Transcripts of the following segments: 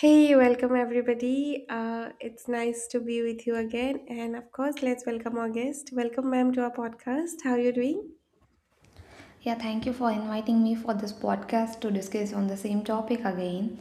Hey, welcome everybody. It's nice to be with you again. And of course, let's welcome our guest. Welcome, ma'am, to our podcast. How are you doing? Yeah, thank you for inviting me for this podcast to discuss on the same topic again.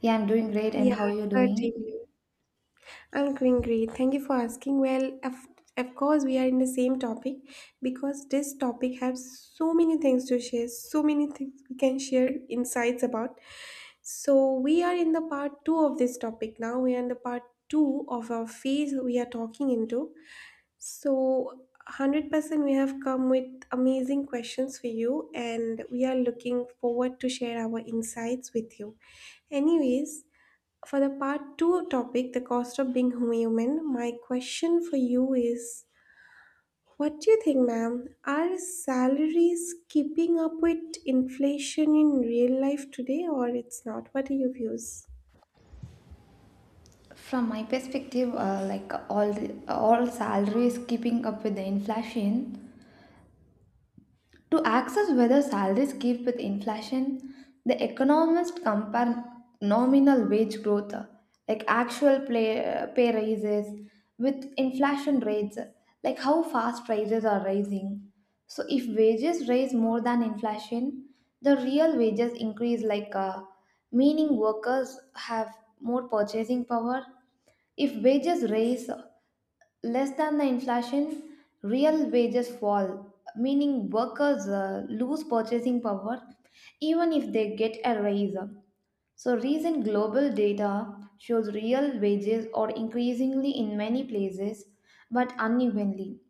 Yeah, I'm doing great, and Yeah, how you doing? certainly. I'm doing great. Thank you for asking. Well, of course, we are in the same topic because this topic has so many things to share, so many things we can share insights about. So, we are in the part two of this topic now. We are in the part two of our phase we are talking into. So, 100% we have come with amazing questions for you, and we are looking forward to share our insights with you. Anyways, for the part 2 topic, the cost of being human, my question for you is, what do you think, ma'am? Are salaries keeping up with inflation in real life today or it's not? What are your views? From my perspective, like all salaries keeping up with the inflation. To access whether salaries keep with inflation, the economists compare nominal wage growth, like pay raises, with inflation rates, like how fast prices are rising. So, if wages rise more than inflation, the real wages increase, meaning workers have more purchasing power. If wages rise less than the inflation, real wages fall, meaning workers lose purchasing power even if they get a raise. So, recent global data shows real wages are increasingly in many places but unevenly.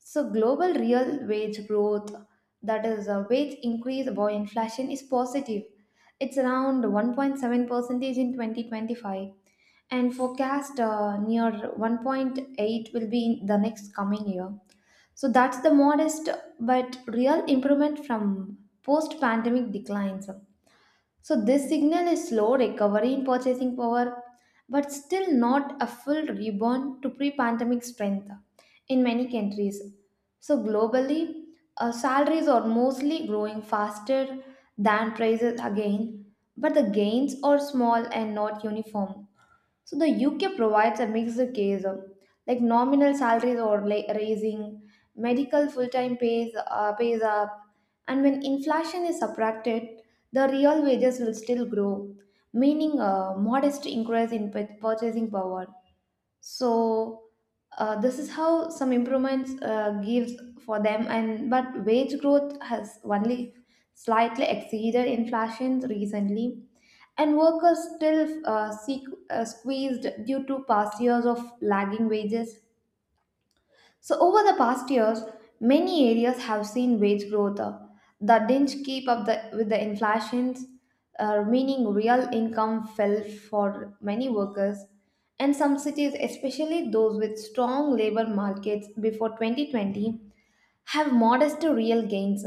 So global real wage growth, that is a wage increase by inflation, is positive. It's around 1.7 percentage in 2025 and forecast near 1.8 will be in the next coming year. So that's the modest but real improvement from post pandemic declines. So this signal a slow recovery in purchasing power, but still not a full rebound to pre-pandemic strength in many countries. So globally, salaries are mostly growing faster than prices again, but the gains are small and not uniform. So the UK provides a mixed case of like nominal salaries or like raising, medical full-time pays pays up, and when inflation is subtracted, the real wages will still grow, meaning a modest increase in purchasing power. So this is how some improvements gives for them, and but wage growth has only slightly exceeded inflation recently, and workers still squeezed due to past years of lagging wages. So over the past years, many areas have seen wage growth that didn't with the inflations, meaning real income fell for many workers. And some cities, especially those with strong labor markets before 2020, have modest real gains.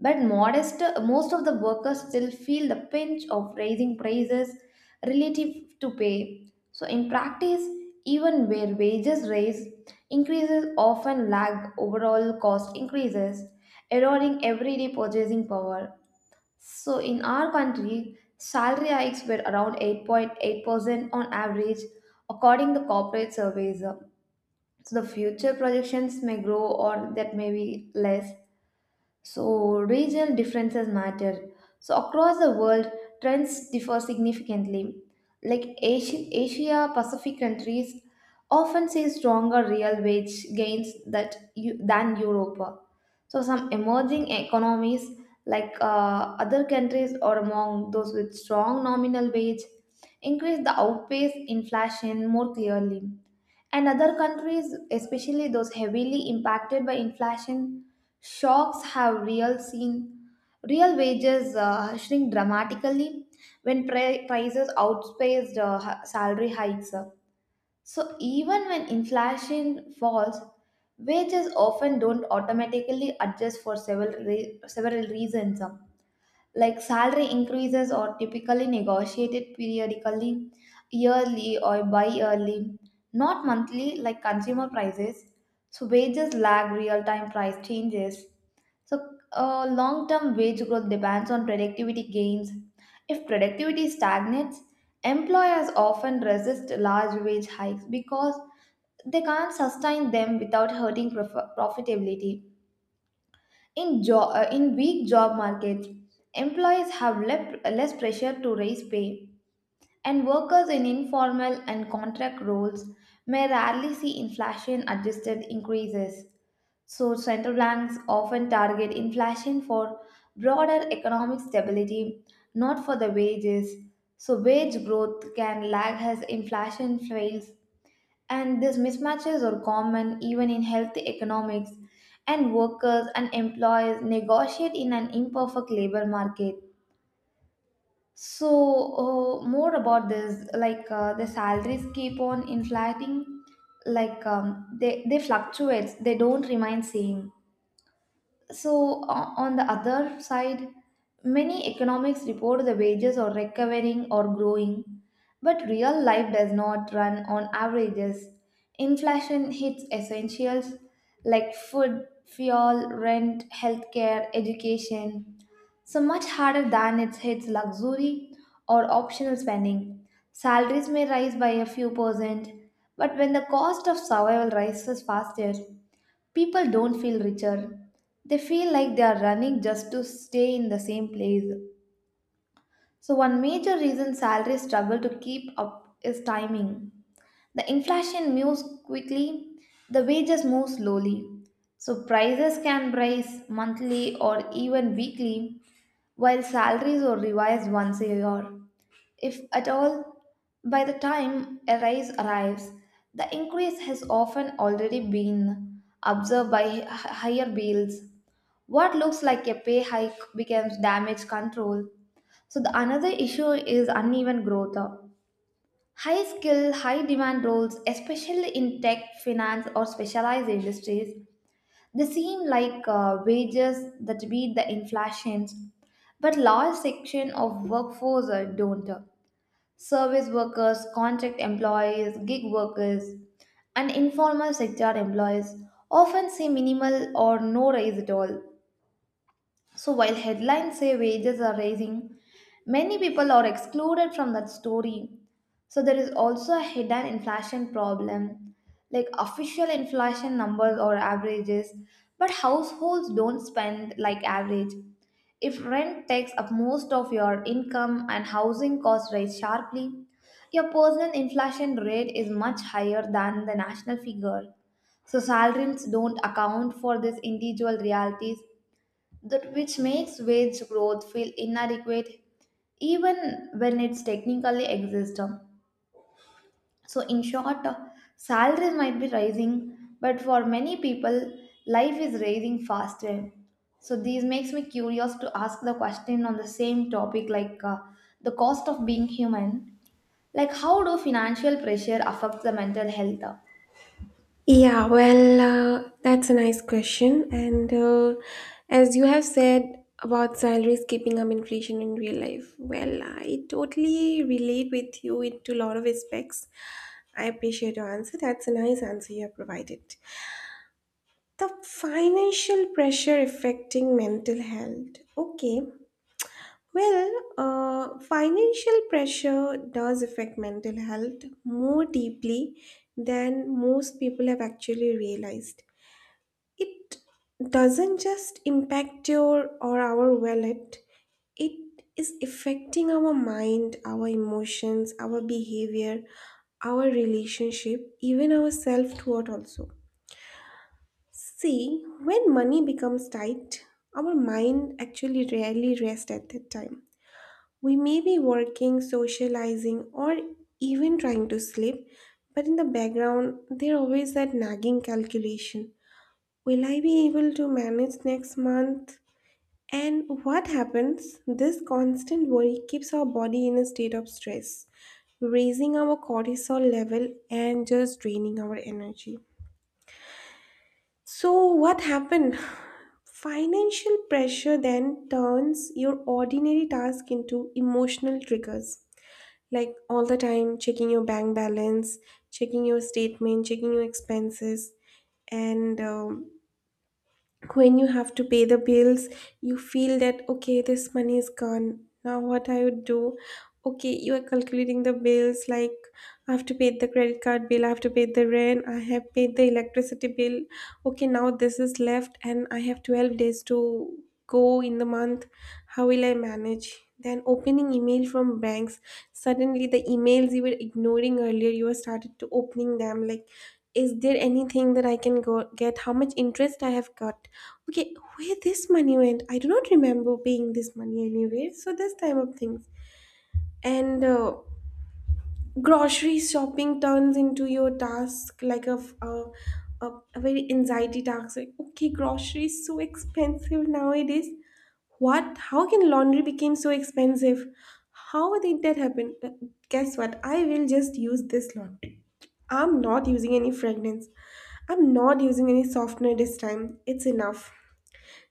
But modest, most of the workers still feel the pinch of raising prices relative to pay. So in practice, even where wages raise, increases often lag overall cost increases, eroding everyday purchasing power. So in our country, salary hikes were around 8.8% on average, according to corporate surveys. So the future projections may grow or that may be less. So, regional differences matter. So, across the world, trends differ significantly. Like Asia, Asia Pacific countries often see stronger real wage gains than Europe. So, some emerging economies other countries or among those with strong nominal wage increase the outpace inflation more clearly. And other countries, especially those heavily impacted by inflation shocks, have real wages shrink dramatically when prices outpaced salary hikes. So even when inflation falls, wages often don't automatically adjust for several reasons. Like salary increases are typically negotiated periodically, yearly or bi-yearly, not monthly like consumer prices. So wages lag real-time price changes. So long-term wage growth depends on productivity gains. If productivity stagnates, employers often resist large wage hikes because they can't sustain them without hurting profitability. In weak job markets, employees have less pressure to raise pay, and workers in informal and contract roles may rarely see inflation adjusted increases. So, central banks often target inflation for broader economic stability, not for the wages. So, wage growth can lag as inflation fails, and these mismatches are common even in healthy economics, and workers and employees negotiate in an imperfect labor market. So, more about this, the salaries keep on inflating, like they fluctuate, they don't remain same. So, on the other side, many economics report the wages are recovering or growing, but real life does not run on averages. Inflation hits essentials like food, fuel, rent, healthcare, education, so much harder than it hits luxury or optional spending. Salaries may rise by a few percent, but when the cost of survival rises faster, people don't feel richer. They feel like they are running just to stay in the same place. So, one major reason salaries struggle to keep up is timing. The inflation moves quickly, the wages move slowly. So, prices can rise monthly or even weekly, while salaries are revised once a year. If at all, by the time a rise arrives, the increase has often already been observed by higher bills. What looks like a pay hike becomes damage control. So, the another issue is uneven growth. High skill, high demand roles, especially in tech, finance, or specialized industries, they seem like wages that beat the inflations, but large section of workforce don't service workers, contract employees, gig workers, and informal sector employees often see minimal or no raise at all. So while headlines say wages are rising, many people are excluded from that story. So there is also a hidden inflation problem. Like official inflation numbers or averages, but households don't spend like average. If rent takes up most of your income and housing costs rise sharply, your personal inflation rate is much higher than the national figure. So salaries don't account for these individual realities that which makes wage growth feel inadequate even when it's technically exists. So, in short, salaries might be rising, but for many people, life is rising faster. So, this makes me curious to ask the question on the same topic, the cost of being human. Like, how do financial pressure affect the mental health? Yeah, well, that's a nice question. And as you have said about salaries keeping up inflation in real life, well, I totally relate with you into a lot of aspects. I appreciate your answer. That's a nice answer you have provided. The financial pressure affecting mental health. Okay. Well, financial pressure does affect mental health more deeply than most people have actually realized. It doesn't just impact your or our wallet. It is affecting our mind, our emotions, our behavior, our relationship, even our self toward also. See, when money becomes tight, our mind actually rarely rests. At that time, we may be working, socializing, or even trying to sleep, but in the background there always that nagging calculation. Will I be able to manage next month? And what happens? This constant worry keeps our body in a state of stress, raising our cortisol level and just draining our energy. So, what happened? Financial pressure then turns your ordinary task into emotional triggers. Like all the time checking your bank balance, checking your statement, checking your expenses, and when you have to pay the bills, you feel that, okay, this money is gone, now what I would do. Okay, you are calculating the bills, like I have to pay the credit card bill, I have to pay the rent, I have paid the electricity bill. Okay, now this is left and I have 12 days to go in the month. How will I manage? Then opening email from banks, suddenly the emails you were ignoring earlier, you are started to opening them, like, is there anything that I can go get, how much interest I have got. Okay, where this money went, I do not remember paying this money anywhere. So this type of things. And grocery shopping turns into your task like a, f- a very anxiety task. Like, okay, grocery is so expensive nowadays. What? How can laundry became so expensive? How did that happen? Guess what? I will just use this laundry. I'm not using any fragrance. I'm not using any softener this time. It's enough.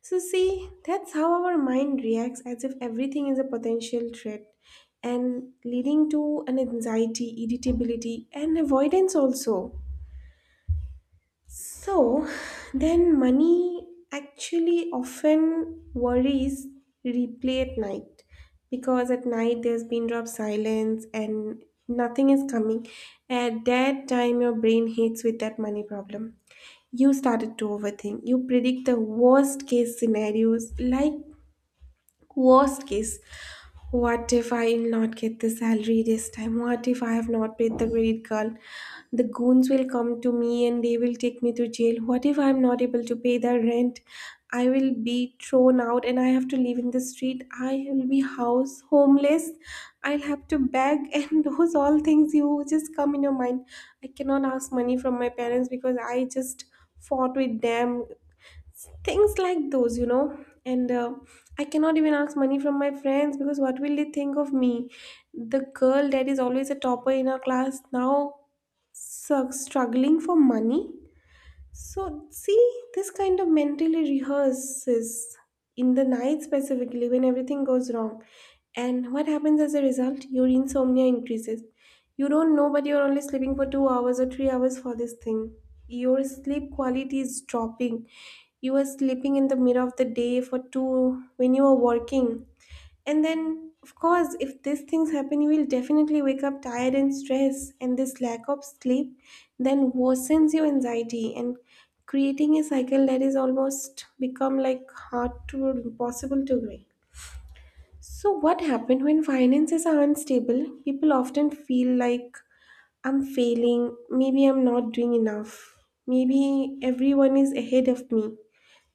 So, see, that's how our mind reacts as if everything is a potential threat and leading to an anxiety, irritability, and avoidance also. So, then money actually often worries replay at night, because at night there's been drop silence and nothing is coming. At that time, your brain hits with that money problem. You started to overthink. You predict the worst case scenarios like, worst case, what if I'll not get the salary this time? What if I have not paid the credit card? The goons will come to me and they will take me to jail. What if I'm not able to pay the rent? I will be thrown out and I have to live in the street. I will be house homeless. I'll have to beg and those all things you just come in your mind. I cannot ask money from my parents because I just fought with them, things like those, you know. And I cannot even ask money from my friends because what will they think of me? The girl that is always a topper in her class, now struggling for money. So, see, this kind of mentally rehearses in the night specifically when everything goes wrong. And what happens as a result? Your insomnia increases. You don't know, but you're only sleeping for 2 hours or 3 hours for this thing. Your sleep quality is dropping. You are sleeping in the middle of the day for two when you are working. And then, of course, if these things happen, you will definitely wake up tired and stressed, and this lack of sleep then worsens your anxiety and creating a cycle that is almost become like hard to impossible to break. So, what happened when finances are unstable? People often feel like, I'm failing, maybe I'm not doing enough, maybe everyone is ahead of me.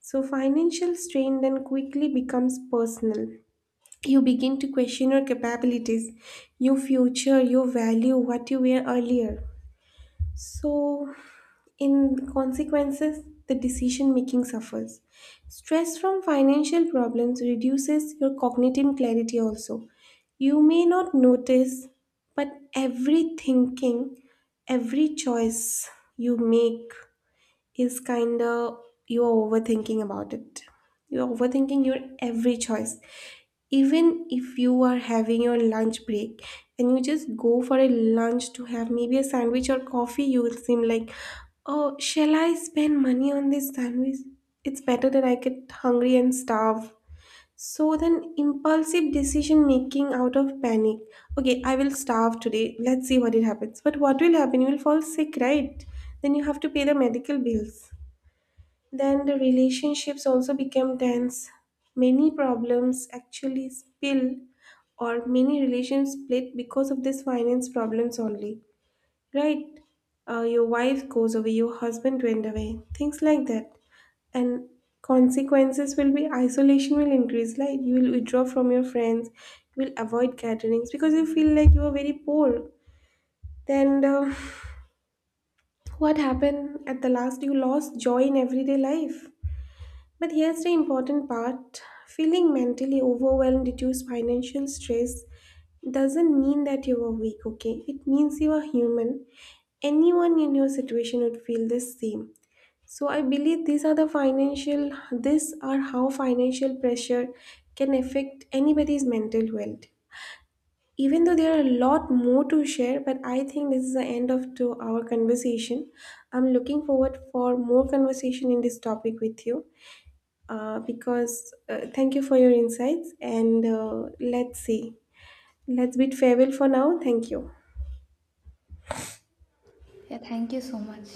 So, financial strain then quickly becomes personal. You begin to question your capabilities, your future, your value, what you were earlier. So, in consequences, the decision making suffers. Stress from financial problems reduces your cognitive clarity also. You may not notice, but every thinking, every choice you make is kind of, you're overthinking about it. You're overthinking your every choice. Even if you are having your lunch break and you just go for a lunch to have maybe a sandwich or coffee, you will seem like, oh, shall I spend money on this sandwich? It's better that I get hungry and starve. So then, impulsive decision making out of panic. Okay, I will starve today. Let's see what it happens. But what will happen? You will fall sick, right? Then you have to pay the medical bills. Then the relationships also became tense. Many problems actually spill, or many relations split because of these finance problems only. Right? Your wife goes away, your husband went away, things like that. And consequences will be isolation will increase, like you will withdraw from your friends, you will avoid gatherings because you feel like you are very poor. Then, what happened at the last? You lost joy in everyday life. But here's the important part, feeling mentally overwhelmed due to financial stress doesn't mean that you are weak, okay? It means you are human. Anyone in your situation would feel the same. So I believe these are the financial, these are how financial pressure can affect anybody's mental health. Even though there are a lot more to share, but I think this is the end of to our conversation. I'm looking forward for more conversation in this topic with you, because thank you for your insights and let's see. Let's bid farewell for now. Thank you. Yeah, thank you so much.